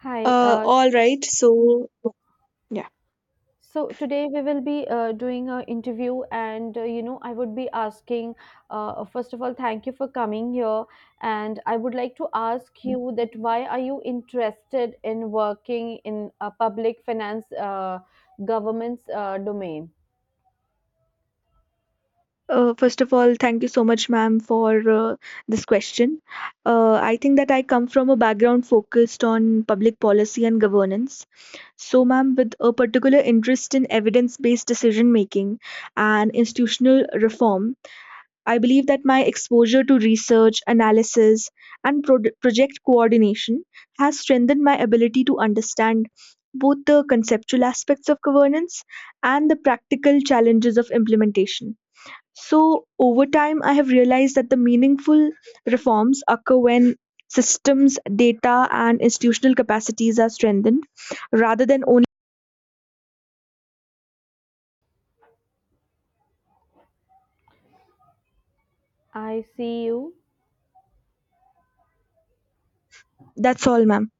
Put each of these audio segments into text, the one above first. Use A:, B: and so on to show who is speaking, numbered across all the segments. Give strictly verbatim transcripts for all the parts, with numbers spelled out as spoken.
A: Hi.
B: Uh,
A: Uh, s-
B: all right. So, yeah.
A: so today we will be uh, doing an interview, and uh, you know, I would be asking. Uh, first of all, thank you for coming here, and I would like to ask you that why are you interested in working in a public finance, uh, government's uh, domain?
B: Uh, first of all, thank you so much, ma'am, for uh, this question. Uh, I think that I come from a background focused on public policy and governance. So, ma'am, with a particular interest in evidence based decision making and institutional reform, I believe that my exposure to research, analysis, and pro- project coordination has strengthened my ability to understand both the conceptual aspects of governance and the practical challenges of implementation. So, over time, I have realized that the meaningful reforms occur when systems, data, and institutional capacities are strengthened rather than only.
A: I see you.
B: That's all, ma'am.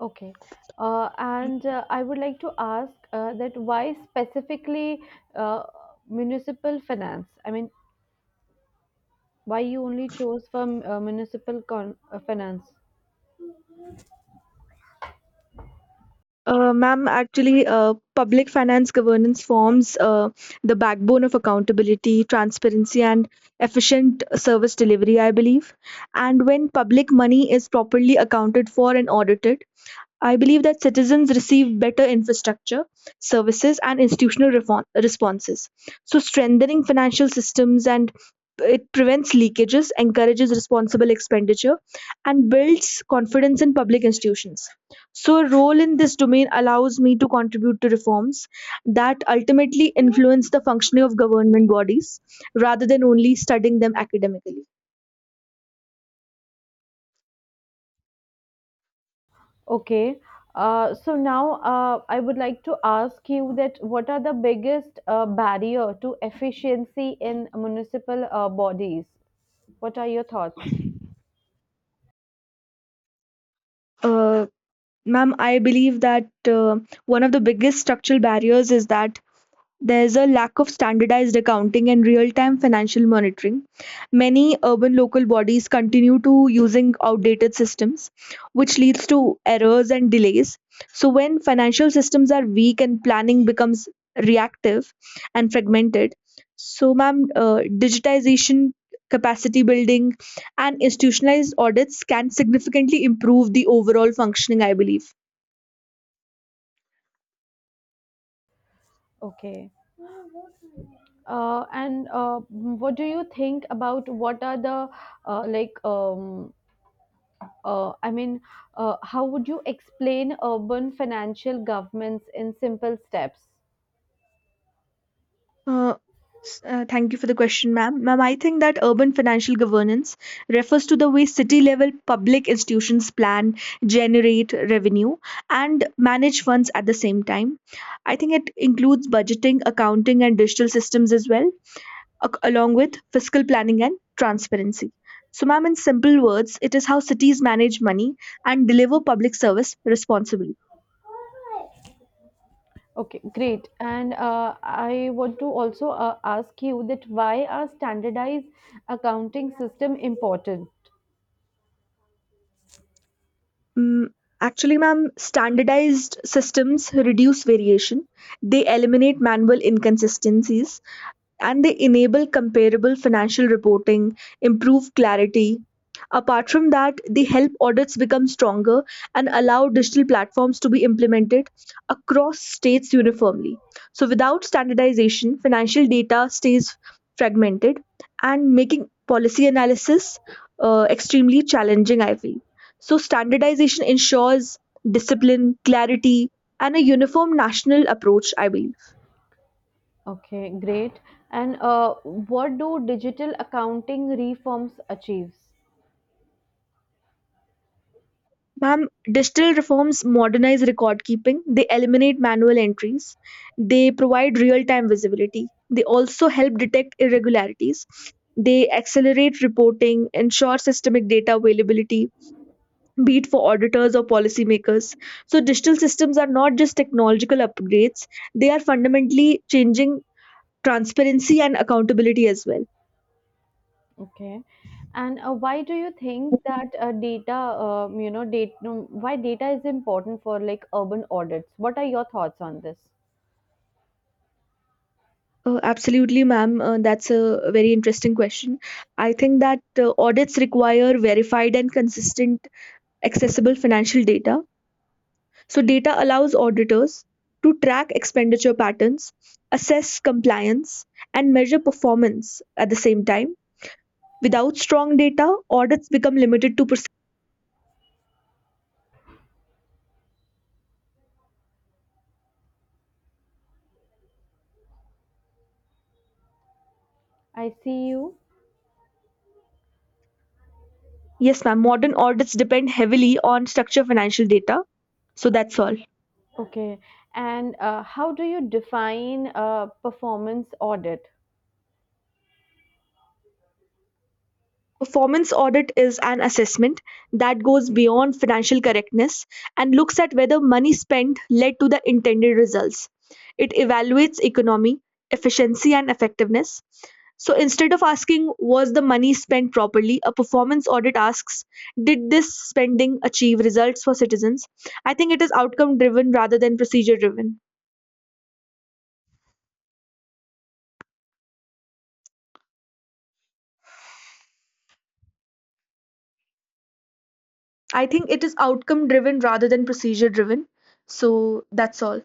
A: Okay. Uh, and uh, I would like to ask uh, that why specifically uh, municipal finance? I mean, why you only chose for uh, municipal con- uh, finance?
B: Uh, ma'am, actually, uh, public finance governance forms uh, the backbone of accountability, transparency, and efficient service delivery, I believe. And when public money is properly accounted for and audited, I believe that citizens receive better infrastructure, services, and institutional reform responses. So, strengthening financial systems and it prevents leakages, encourages responsible expenditure, and builds confidence in public institutions. So, a role in this domain allows me to contribute to reforms that ultimately influence the functioning of government bodies rather than only studying them academically.
A: Okay. Uh, so now uh, i would like to ask you that what are the biggest uh, barrier to efficiency in municipal uh, bodies. What are your thoughts?
B: Uh, ma'am, I believe that uh, one of the biggest structural barriers is that there is a lack of standardized accounting and real-time financial monitoring. Many urban local bodies continue to using outdated systems, which leads to errors and delays. So when financial systems are weak and planning becomes reactive and fragmented, so ma'am, uh, digitization, capacity building, and institutionalized audits can significantly improve the overall functioning, I believe.
A: Okay. Uh, and uh, what do you think about what are the uh, like um, uh, I mean uh, how would you explain urban financial governments in simple steps?
B: Uh, s- uh, Thank you for the question, ma'am. Ma'am, I think that urban financial governance refers to the way city level public institutions plan, generate revenue, and manage funds at the same time. I think it includes budgeting, accounting, and digital systems as well, ac- along with fiscal planning and transparency. So, ma'am, in simple words, it is how cities manage money and deliver public service responsibly.
A: Okay, great. And uh, I want to also uh, ask you that why are standardized accounting system important?
B: Mm, actually, ma'am, standardized systems reduce variation. They eliminate manual inconsistencies and they enable comparable financial reporting, improve clarity. Apart from that, they help audits become stronger and allow digital platforms to be implemented across states uniformly. So, without standardization, financial data stays fragmented and making policy analysis uh, extremely challenging, I feel. So, standardization ensures discipline, clarity, and a uniform national approach, I believe.
A: Okay, great. And uh, what do digital accounting reforms achieves?
B: Ma'am, digital reforms modernize record keeping, they eliminate manual entries, they provide real time visibility, they also help detect irregularities, they accelerate reporting, ensure systemic data availability, be it for auditors or policymakers. So, digital systems are not just technological upgrades, they are fundamentally changing transparency and accountability as well.
A: Okay, and uh, why do you think that uh, data, um, you know, data, why data is important for like urban audits? What are your thoughts on this?
B: Uh, absolutely, ma'am. Uh, that's a very interesting question. I think that uh, audits require verified and consistent accessible financial data. So, data allows auditors to track expenditure patterns, assess compliance, and measure performance at the same time. Without strong data, audits become limited to percent.
A: I see you.
B: Yes, ma'am. Modern audits depend heavily on structured financial data. So, that's all.
A: Okay, and uh, how do you define uh, performance audit?
B: Performance audit is an assessment that goes beyond financial correctness and looks at whether money spent led to the intended results. It evaluates economy, efficiency, and effectiveness. So instead of asking, was the money spent properly, a performance audit asks, did this spending achieve results for citizens? I think it is outcome driven rather than procedure driven. I think it is outcome driven rather than procedure driven. So that's all.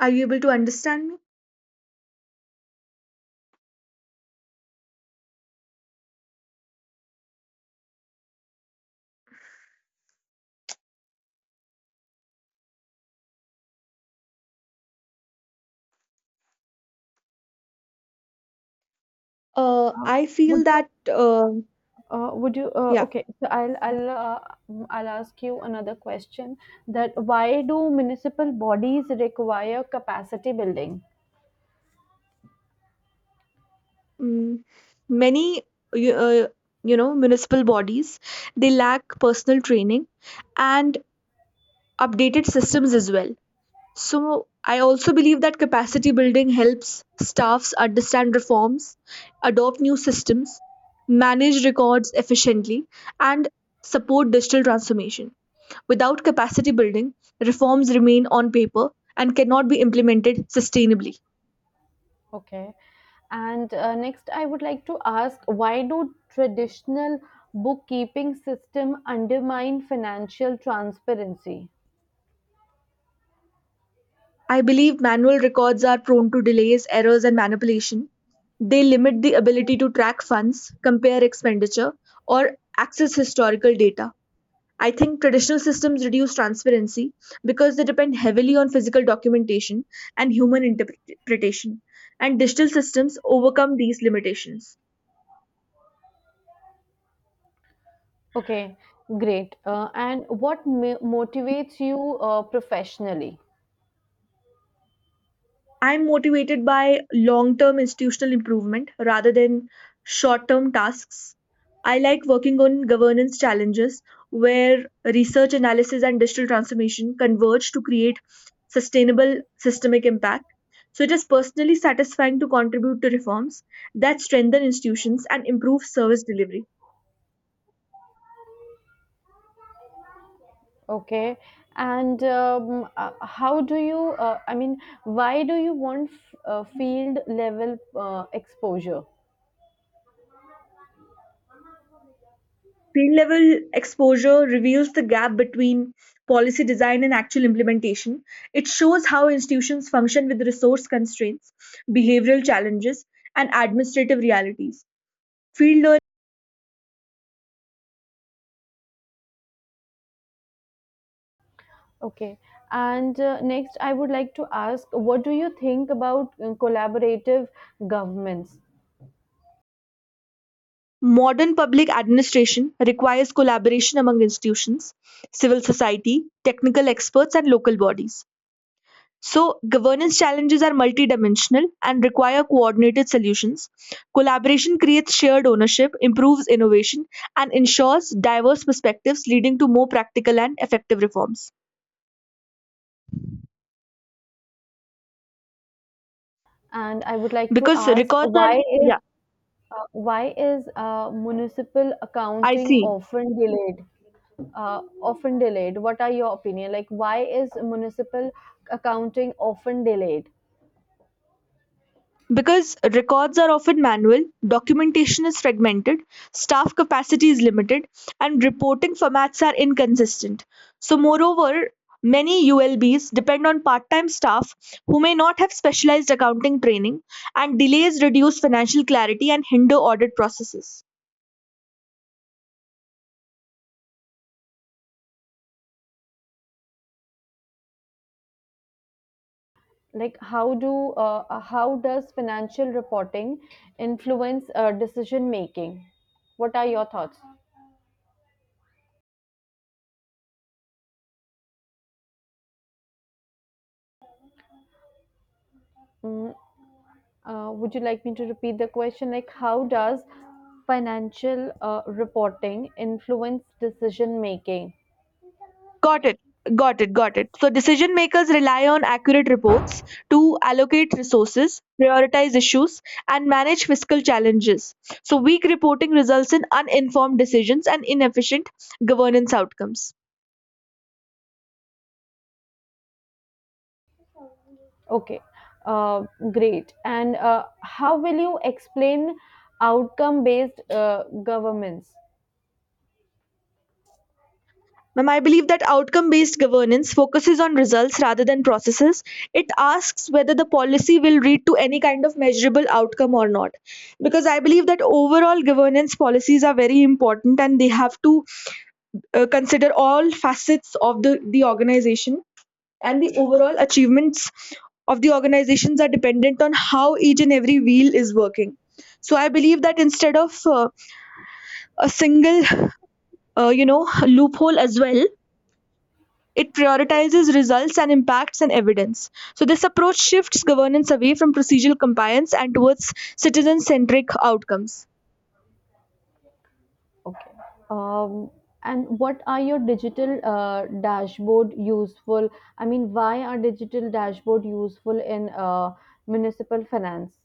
B: Are you able to understand me? Uh,
A: Uh,
B: I feel
A: Would you,
B: that uh,
A: uh, would you, uh,
B: Yeah,
A: okay, so I'll, I'll, uh, mm, I'll ask you another question that why do municipal bodies require capacity building?
B: mm, many you, uh, you know municipal bodies they lack personal training and updated systems as well. So I also believe that capacity building helps staffs understand reforms, adopt new systems, manage records efficiently, and support digital transformation. Without capacity building, reforms remain on paper and cannot be implemented sustainably.
A: Okay. And uh, next, I would like to ask why do traditional bookkeeping system undermine financial transparency?
B: I believe manual records are prone to delays, errors, and manipulation. They limit the ability to track funds, compare expenditure, or access historical data. I think traditional systems reduce transparency because they depend heavily on physical documentation and human interpretation, and digital systems overcome these limitations.
A: Okay, great. Uh, and what mo- motivates you uh, professionally?
B: I'm motivated by long term institutional improvement rather than short term tasks. I like working on governance challenges where research analysis and digital transformation converge to create sustainable systemic impact. So it is personally satisfying to contribute to reforms that strengthen institutions and improve service delivery.
A: Okay. And um, uh, how do you, uh, I mean, why do you want f- uh, field level uh, exposure?
B: Field-level exposure reveals the gap between policy design and actual implementation. It shows how institutions function with resource constraints, behavioral challenges, and administrative realities. Field learning.
A: Okay. And uh, next, I would like to ask what do you think about uh, collaborative governments?
B: Modern public administration requires collaboration among institutions, civil society, technical experts, and local bodies. So, governance challenges are multidimensional and require coordinated solutions. Collaboration creates shared ownership, improves innovation, and ensures diverse perspectives, leading to more practical and effective reforms.
A: And I would like to
B: Because
A: ask
B: records
A: why
B: are,
A: is
B: yeah,
A: uh, why is uh, municipal
B: I
A: accounting
B: see.
A: often delayed? Uh, often delayed. What are your opinion? Like, why is municipal accounting often delayed?
B: Because records are often manual, documentation is fragmented, staff capacity is limited, and reporting formats are inconsistent. So, moreover, many U L Bs depend on part time staff who may not have specialized accounting training, and delays reduce financial clarity and hinder audit processes.
A: like how do uh, uh, how does financial reporting influence uh, decision making? What are your thoughts? mm, uh, would you like me to repeat the question? Like, how does financial uh, reporting influence decision making?
B: Got it. Got it. Got it. So decision makers rely on accurate reports to allocate resources, prioritize issues, and manage fiscal challenges. So weak reporting results in uninformed decisions and inefficient governance outcomes.
A: Okay, uh, great. And uh, how will you explain outcome based uh, governments?
B: Ma'am, I believe that outcome based governance focuses on results rather than processes. It asks whether the policy will lead to any kind of measurable outcome or not. Because I believe that overall governance policies are very important and they have to uh, consider all facets of the, the organization, and the overall achievements of the organizations are dependent on how each and every wheel is working. So I believe that instead of uh, a single uh, you know loophole as well, it prioritizes results and impacts and evidence. So this approach shifts governance away from procedural compliance and towards citizen centric outcomes.
A: Okay. Um, and what are your digital uh, dashboard useful? I mean, why are digital dashboard useful in uh, municipal finance?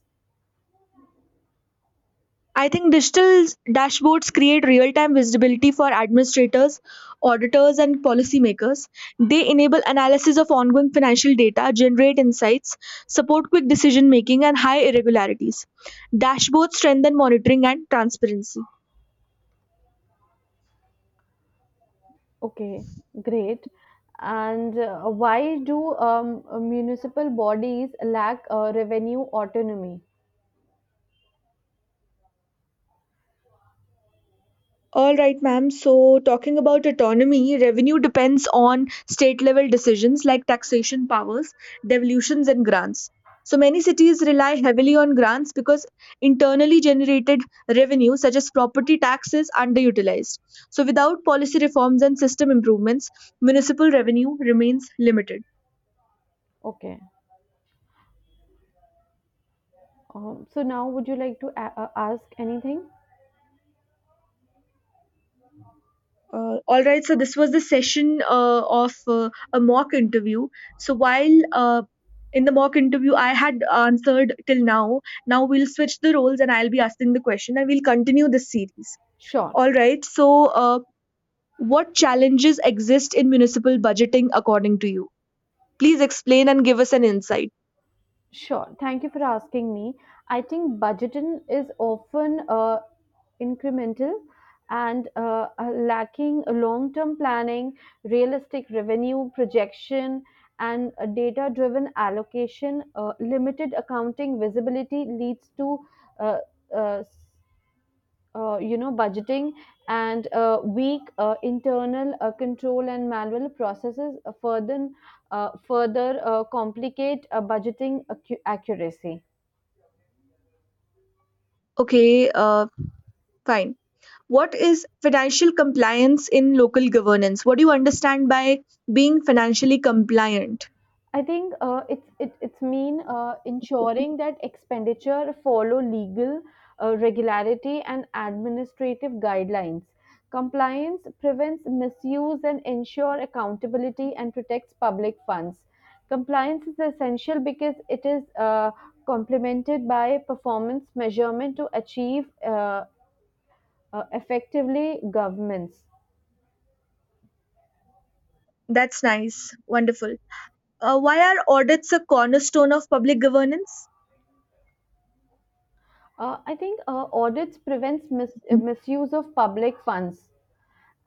B: I think digital dashboards create real time visibility for administrators, auditors, and policymakers. They enable analysis of ongoing financial data, generate insights, support quick decision making, and high irregularities. Dashboards strengthen monitoring and transparency.
A: Okay, great. And uh, why do um, municipal bodies lack uh, revenue autonomy?
B: All right, ma'am. So, talking about autonomy, revenue depends on state level decisions like taxation powers, devolutions, and grants. So, many cities rely heavily on grants because internally generated revenue, such as property tax, is underutilized. So, without policy reforms and system improvements, municipal revenue remains limited.
A: Okay. Um, so now, would you like to a- uh, ask anything?
B: Uh, all right, so this was the session uh, of uh, a mock interview. So while uh, in the mock interview, I had answered till now. Now we'll switch the roles and I'll be asking the question and we'll continue this series.
A: Sure.
B: All right, so uh, what challenges exist in municipal budgeting according to you? Please explain and give us an insight.
A: Sure. Thank you for asking me. I think budgeting is often uh, incremental and uh, uh, lacking long term planning, realistic revenue projection, and data driven allocation. Uh, limited accounting visibility leads to uh, uh, uh, you know budgeting, and uh, weak uh, internal uh, control and manual processes uh, further uh, further uh, complicate uh, budgeting accu- accuracy.
B: Okay, uh, fine. What is financial compliance in local governance? What do you understand by being financially compliant?
A: I think uh, it's it, it's mean uh, ensuring that expenditure follow legal uh, regularity and administrative guidelines. Compliance prevents misuse and ensure accountability and protects public funds. Compliance is essential because it is uh, complemented by performance measurement to achieve uh, uh, effectively governments.
B: That's nice. Wonderful. Uh, why are audits a cornerstone of public governance?
A: Uh, I think uh, audits prevents mis- uh, misuse of public funds,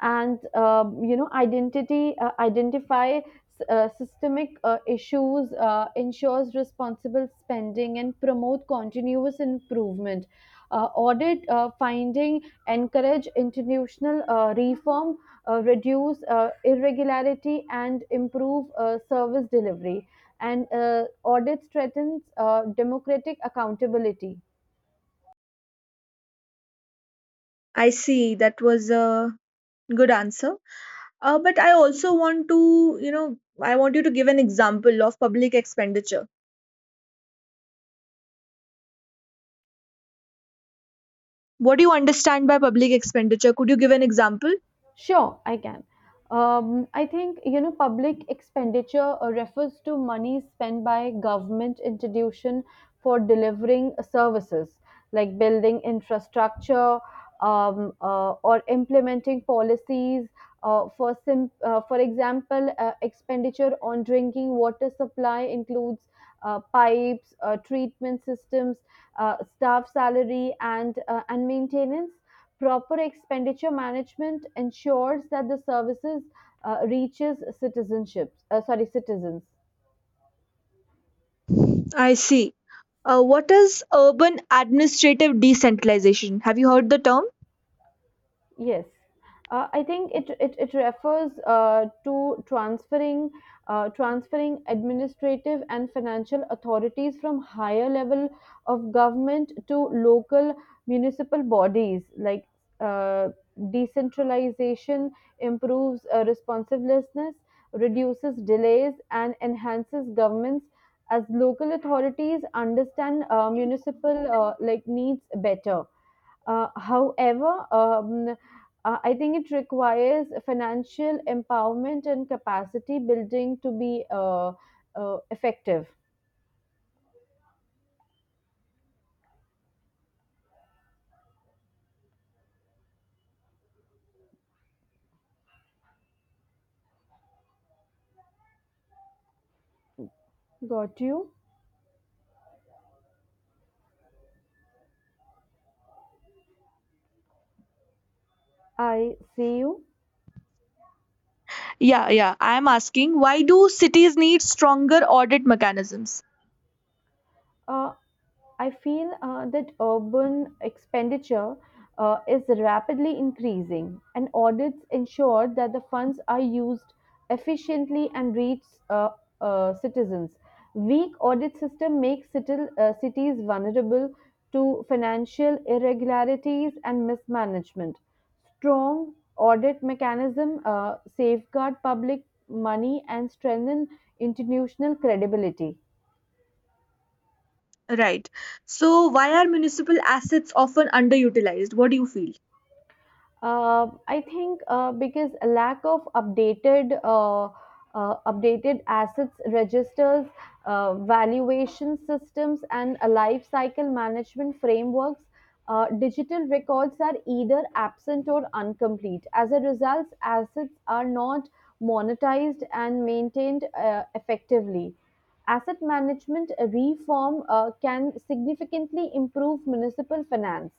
A: and um, you know identity uh, identify uh, systemic uh, issues, uh, ensures responsible spending and promote continuous improvement. Uh, audit uh, finding encourage institutional uh, reform, uh, reduce uh, irregularity and improve uh, service delivery, and uh, audit threatens uh, democratic accountability.
B: I see. That was a good answer. Uh, but I also want to, you know, I want you to give an example of public expenditure. What do you understand by public expenditure? Could you give an example?
A: Sure, I can. Um, I think you know public expenditure uh, refers to money spent by government institution for delivering services like building infrastructure, um, uh, or implementing policies. Uh, for sim- uh, for example, uh, expenditure on drinking water supply includes uh, pipes, uh, treatment systems, uh, staff salary, and uh, and maintenance. Proper expenditure management ensures that the services uh, reaches citizenships, uh, sorry, citizens.
B: I see. Uh, what is urban administrative decentralization? Have you heard the term?
A: Yes, uh, I think it it, it refers uh, to transferring uh, transferring administrative and financial authorities from higher level of government to local municipal bodies. Like uh, decentralization improves uh, responsiveness, reduces delays, and enhances governments as local authorities understand uh, municipal uh, like needs better. Uh, however, um, uh, I think it requires financial empowerment and capacity building to be uh, uh, effective. Got you. I see you.
B: Yeah, yeah. I am asking why do cities need stronger audit mechanisms?
A: Uh, I feel uh, that urban expenditure uh, is rapidly increasing, and audits ensure that the funds are used efficiently and reach uh, uh, citizens. Weak audit system makes city, uh, cities vulnerable to financial irregularities and mismanagement. Strong audit mechanism uh, safeguard public money and strengthen institutional credibility.
B: Right. So, why are municipal assets often underutilized? What do you feel?
A: Uh, I think uh, because a lack of updated uh, uh, updated assets registers, uh, valuation systems, and a life cycle management frameworks, uh, digital records are either absent or incomplete. As a result, assets are not monetized and maintained uh, effectively. Asset management reform uh, can significantly improve municipal finance.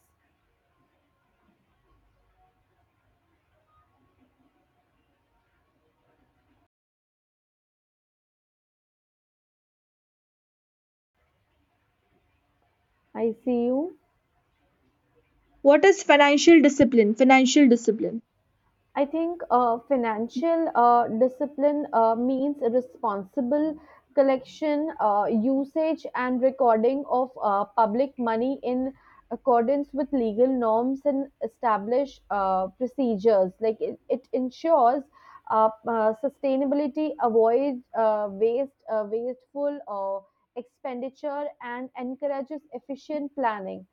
A: I see you.
B: What is financial discipline? Financial discipline.
A: I think uh, financial uh, discipline uh, means responsible collection, uh, usage, and recording of uh, public money in accordance with legal norms and established uh, procedures. Like it, it ensures uh, uh, sustainability, avoids uh, waste, uh, wasteful uh, expenditure, and encourages efficient planning.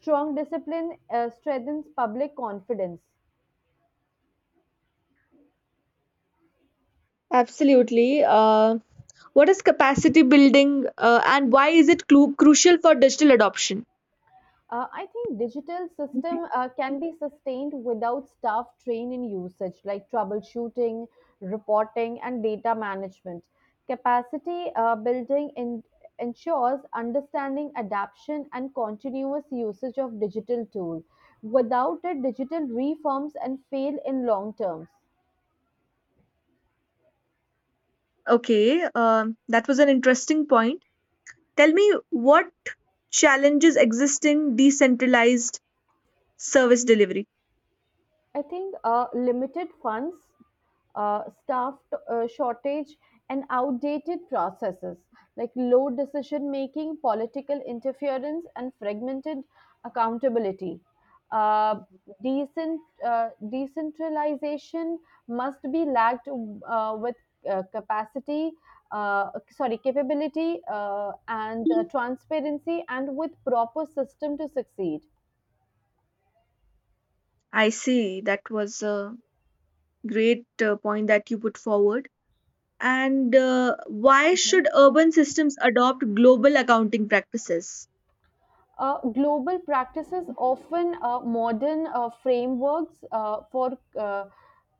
A: Strong discipline uh, strengthens public confidence.
B: Absolutely. Uh, what is capacity building uh, and why is it clu- crucial for digital adoption?
A: Uh, I think digital system uh, can be sustained without staff trained in usage, like troubleshooting, reporting, and data management. Capacity uh, building in, ensures understanding, adaption, and continuous usage of digital tool. Without it, digital reforms and fail in long terms.
B: Okay, um, that was an interesting point. Tell me what challenges exist in decentralized service delivery?
A: I think uh, limited funds, uh, staff uh, shortage, and outdated processes like low decision making, political interference, and fragmented accountability. Uh, decent uh, Decentralization must be lacked uh, with uh, capacity. Uh, sorry, capability uh, and uh, transparency, and with proper system to succeed.
B: I see. That was a great uh, point that you put forward. And uh, why
A: Mhm.
B: should urban systems adopt global accounting practices?
A: Uh, global practices often uh, modern uh, frameworks uh, for uh,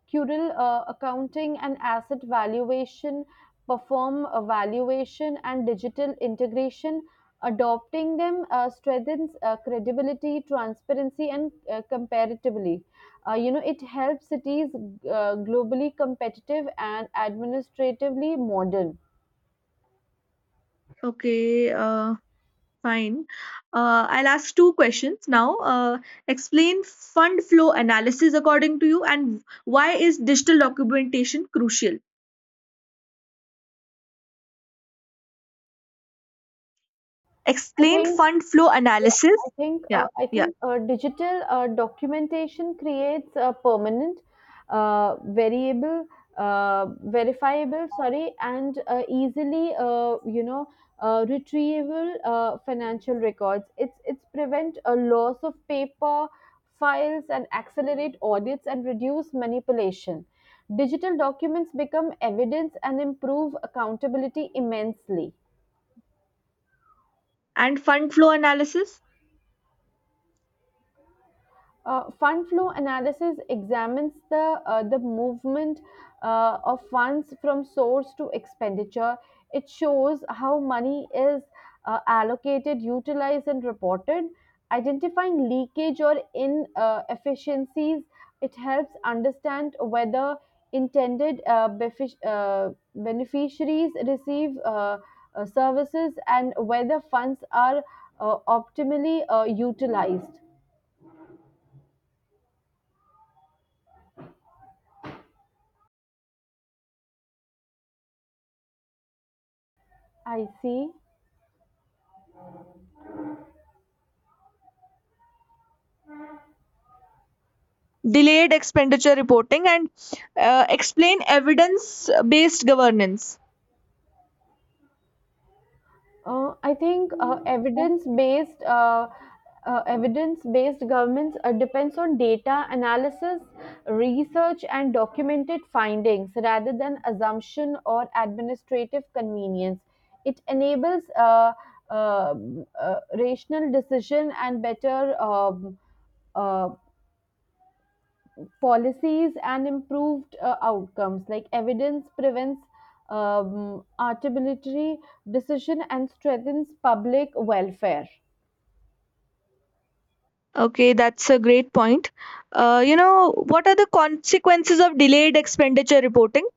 A: Curel uh, accounting and asset valuation, perform evaluation and digital integration. Adopting them uh, strengthens uh, credibility, transparency, and uh, comparatively. Uh, you know, it helps cities uh, globally competitive and administratively modern.
B: Okay, uh, fine. Uh, I'll ask two questions now. Uh, explain fund flow analysis according to you, and why is digital documentation crucial?
A: I
B: Explain
A: think.
B: fund flow
A: Yeah, I
B: analysis.
A: think uh,
B: Yeah,
A: I
B: yeah.
A: think uh, digital uh, documentation creates a permanent, uh, variable, uh, verifiable, sorry, and uh, easily, uh, you know, uh, retrievable uh, financial records. It's it's prevent a loss of paper files and accelerate audits and reduce manipulation. Digital documents become evidence and improve accountability immensely.
B: And fund flow analysis,
A: Uh, fund flow analysis examines the uh, the movement uh, of funds from source to expenditure. It shows how money is uh, allocated, utilized, and reported. Identifying leakage or inefficiencies, it helps understand whether intended uh, benefic- uh, beneficiaries receive uh, uh, services and whether funds are uh, optimally uh, utilized. I see.
B: delayed expenditure reporting, and uh, explain evidence based governance.
A: Uh, I think uh, evidence-based uh, uh, evidence-based governments uh, depends on data analysis, research, and documented findings rather than assumption or administrative convenience. It enables uh, uh, uh, rational decision and better um, uh, policies and improved uh, outcomes. Like evidence prevents um, arbitrary decision and strengthens public welfare.
B: Okay, that's a great point. Uh, you know, what are the consequences of delayed expenditure reporting?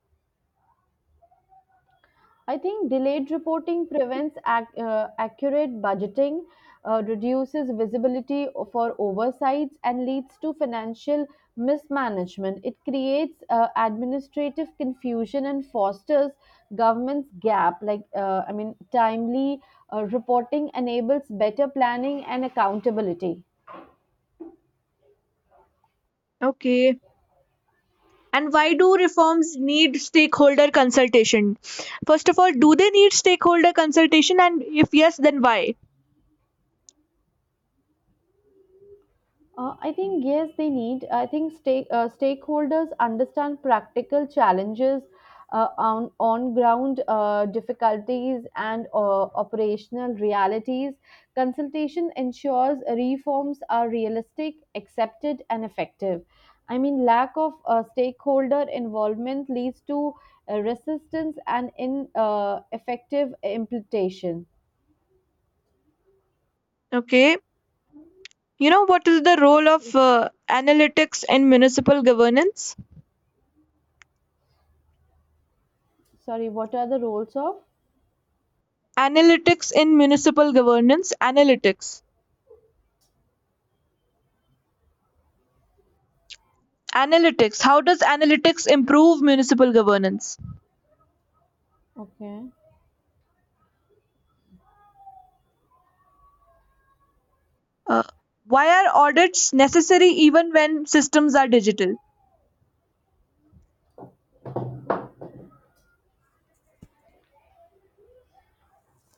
A: I think delayed reporting prevents ac- uh, accurate budgeting, uh, reduces visibility for oversights, and leads to financial mismanagement. It creates uh, administrative confusion and fosters government's gap. Like, uh, I mean, timely uh, reporting enables better planning and accountability.
B: Okay. And why do reforms need stakeholder consultation? First of all, do they need stakeholder consultation? And if yes, then why?
A: Uh, I think yes, they need. I think stake, uh, stakeholders understand practical challenges uh, on on ground uh, difficulties and uh, operational realities. Consultation ensures reforms are realistic, accepted, and effective. I mean, lack of uh, stakeholder involvement leads to uh, resistance and in uh, effective implementation.
B: Okay. You know, what is the role of uh, analytics in municipal governance?
A: Sorry, what are the roles of?
B: Analytics in municipal governance, analytics. Analytics. How does analytics improve municipal governance?
A: Okay,
B: Uh, why are audits necessary even when systems are digital?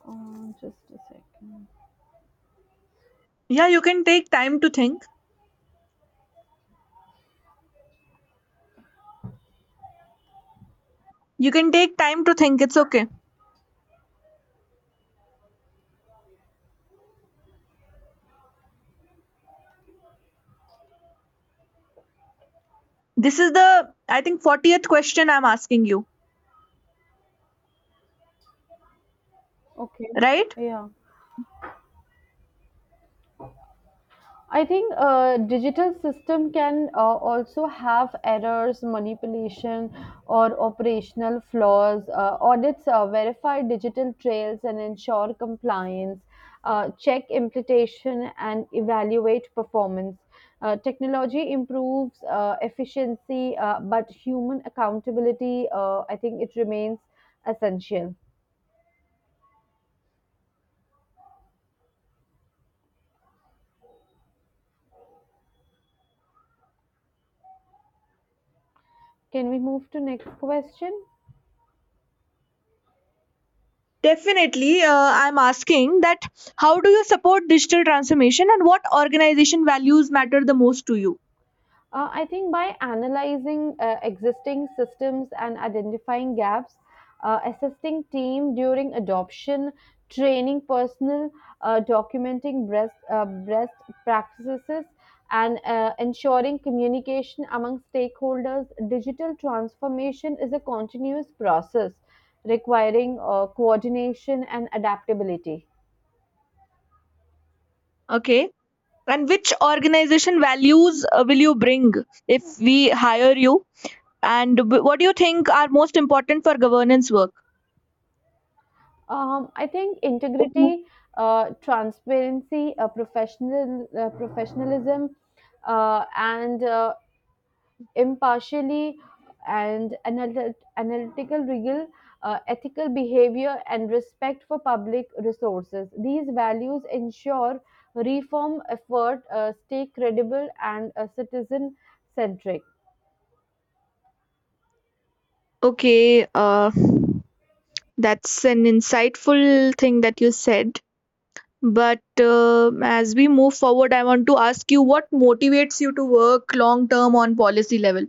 A: uh, just a second.
B: Yeah, you can take time to think. You can take time to think. It's okay. This is the, I think, fortieth question I'm asking you,
A: Okay.
B: right?
A: Yeah. I think uh, digital system can uh, also have errors, manipulation, or operational flaws. Uh, audits uh, verify digital trails and ensure compliance, uh, check implementation, and evaluate performance. Uh, technology improves uh, efficiency, uh, but human accountability, uh, I think, it remains essential. Can we move to next question?
B: Definitely, uh, I'm asking that how do you support digital transformation and what organization values matter the most to you?
A: Uh, I think by analyzing uh, existing systems and identifying gaps, uh, assisting team during adoption, training personnel, uh, documenting breast uh, breast practices, and uh, ensuring communication among stakeholders, digital transformation is a continuous process requiring uh, coordination and adaptability.
B: Okay. And which organization values uh, will you bring if we hire you? And w- what do you think are most important for governance work?
A: Um, I think integrity, uh, transparency, uh, professional uh, professionalism, uh, and uh, impartially and anal- analytical rigor, uh, ethical behavior, and respect for public resources. These values ensure reform effort uh, stay credible and uh, citizen centric.
B: Okay, uh, that's an insightful thing that you said. But uh, as we move forward, I want to ask you what motivates you to work long term on policy level?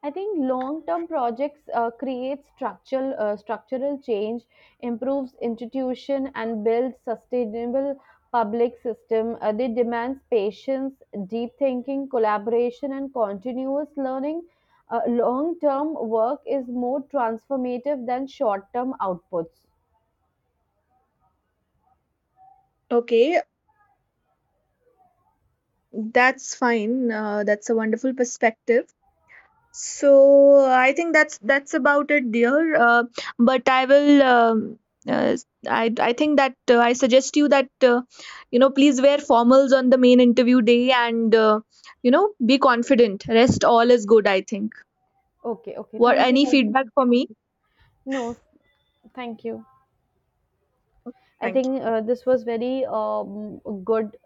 A: I think long-term projects uh, create structural uh, structural change, improves institution, and builds sustainable public system. Uh, they demands patience, deep thinking, collaboration, and continuous learning. Uh, long-term work is more transformative than short-term outputs.
B: Okay, that's fine. Uh, that's a wonderful perspective. So, I think that's that's about it, dear. Uh, but I will. Um, uh, I I think that uh, I suggest you that uh, you know please wear formals on the main interview day and uh, you know be confident. Rest all is good. I think.
A: Okay, okay.
B: What
A: Thank you.
B: any
A: Thank you.
B: feedback for me?
A: No, thank you. I
B: Thank
A: think
B: you.
A: uh, this was very um, good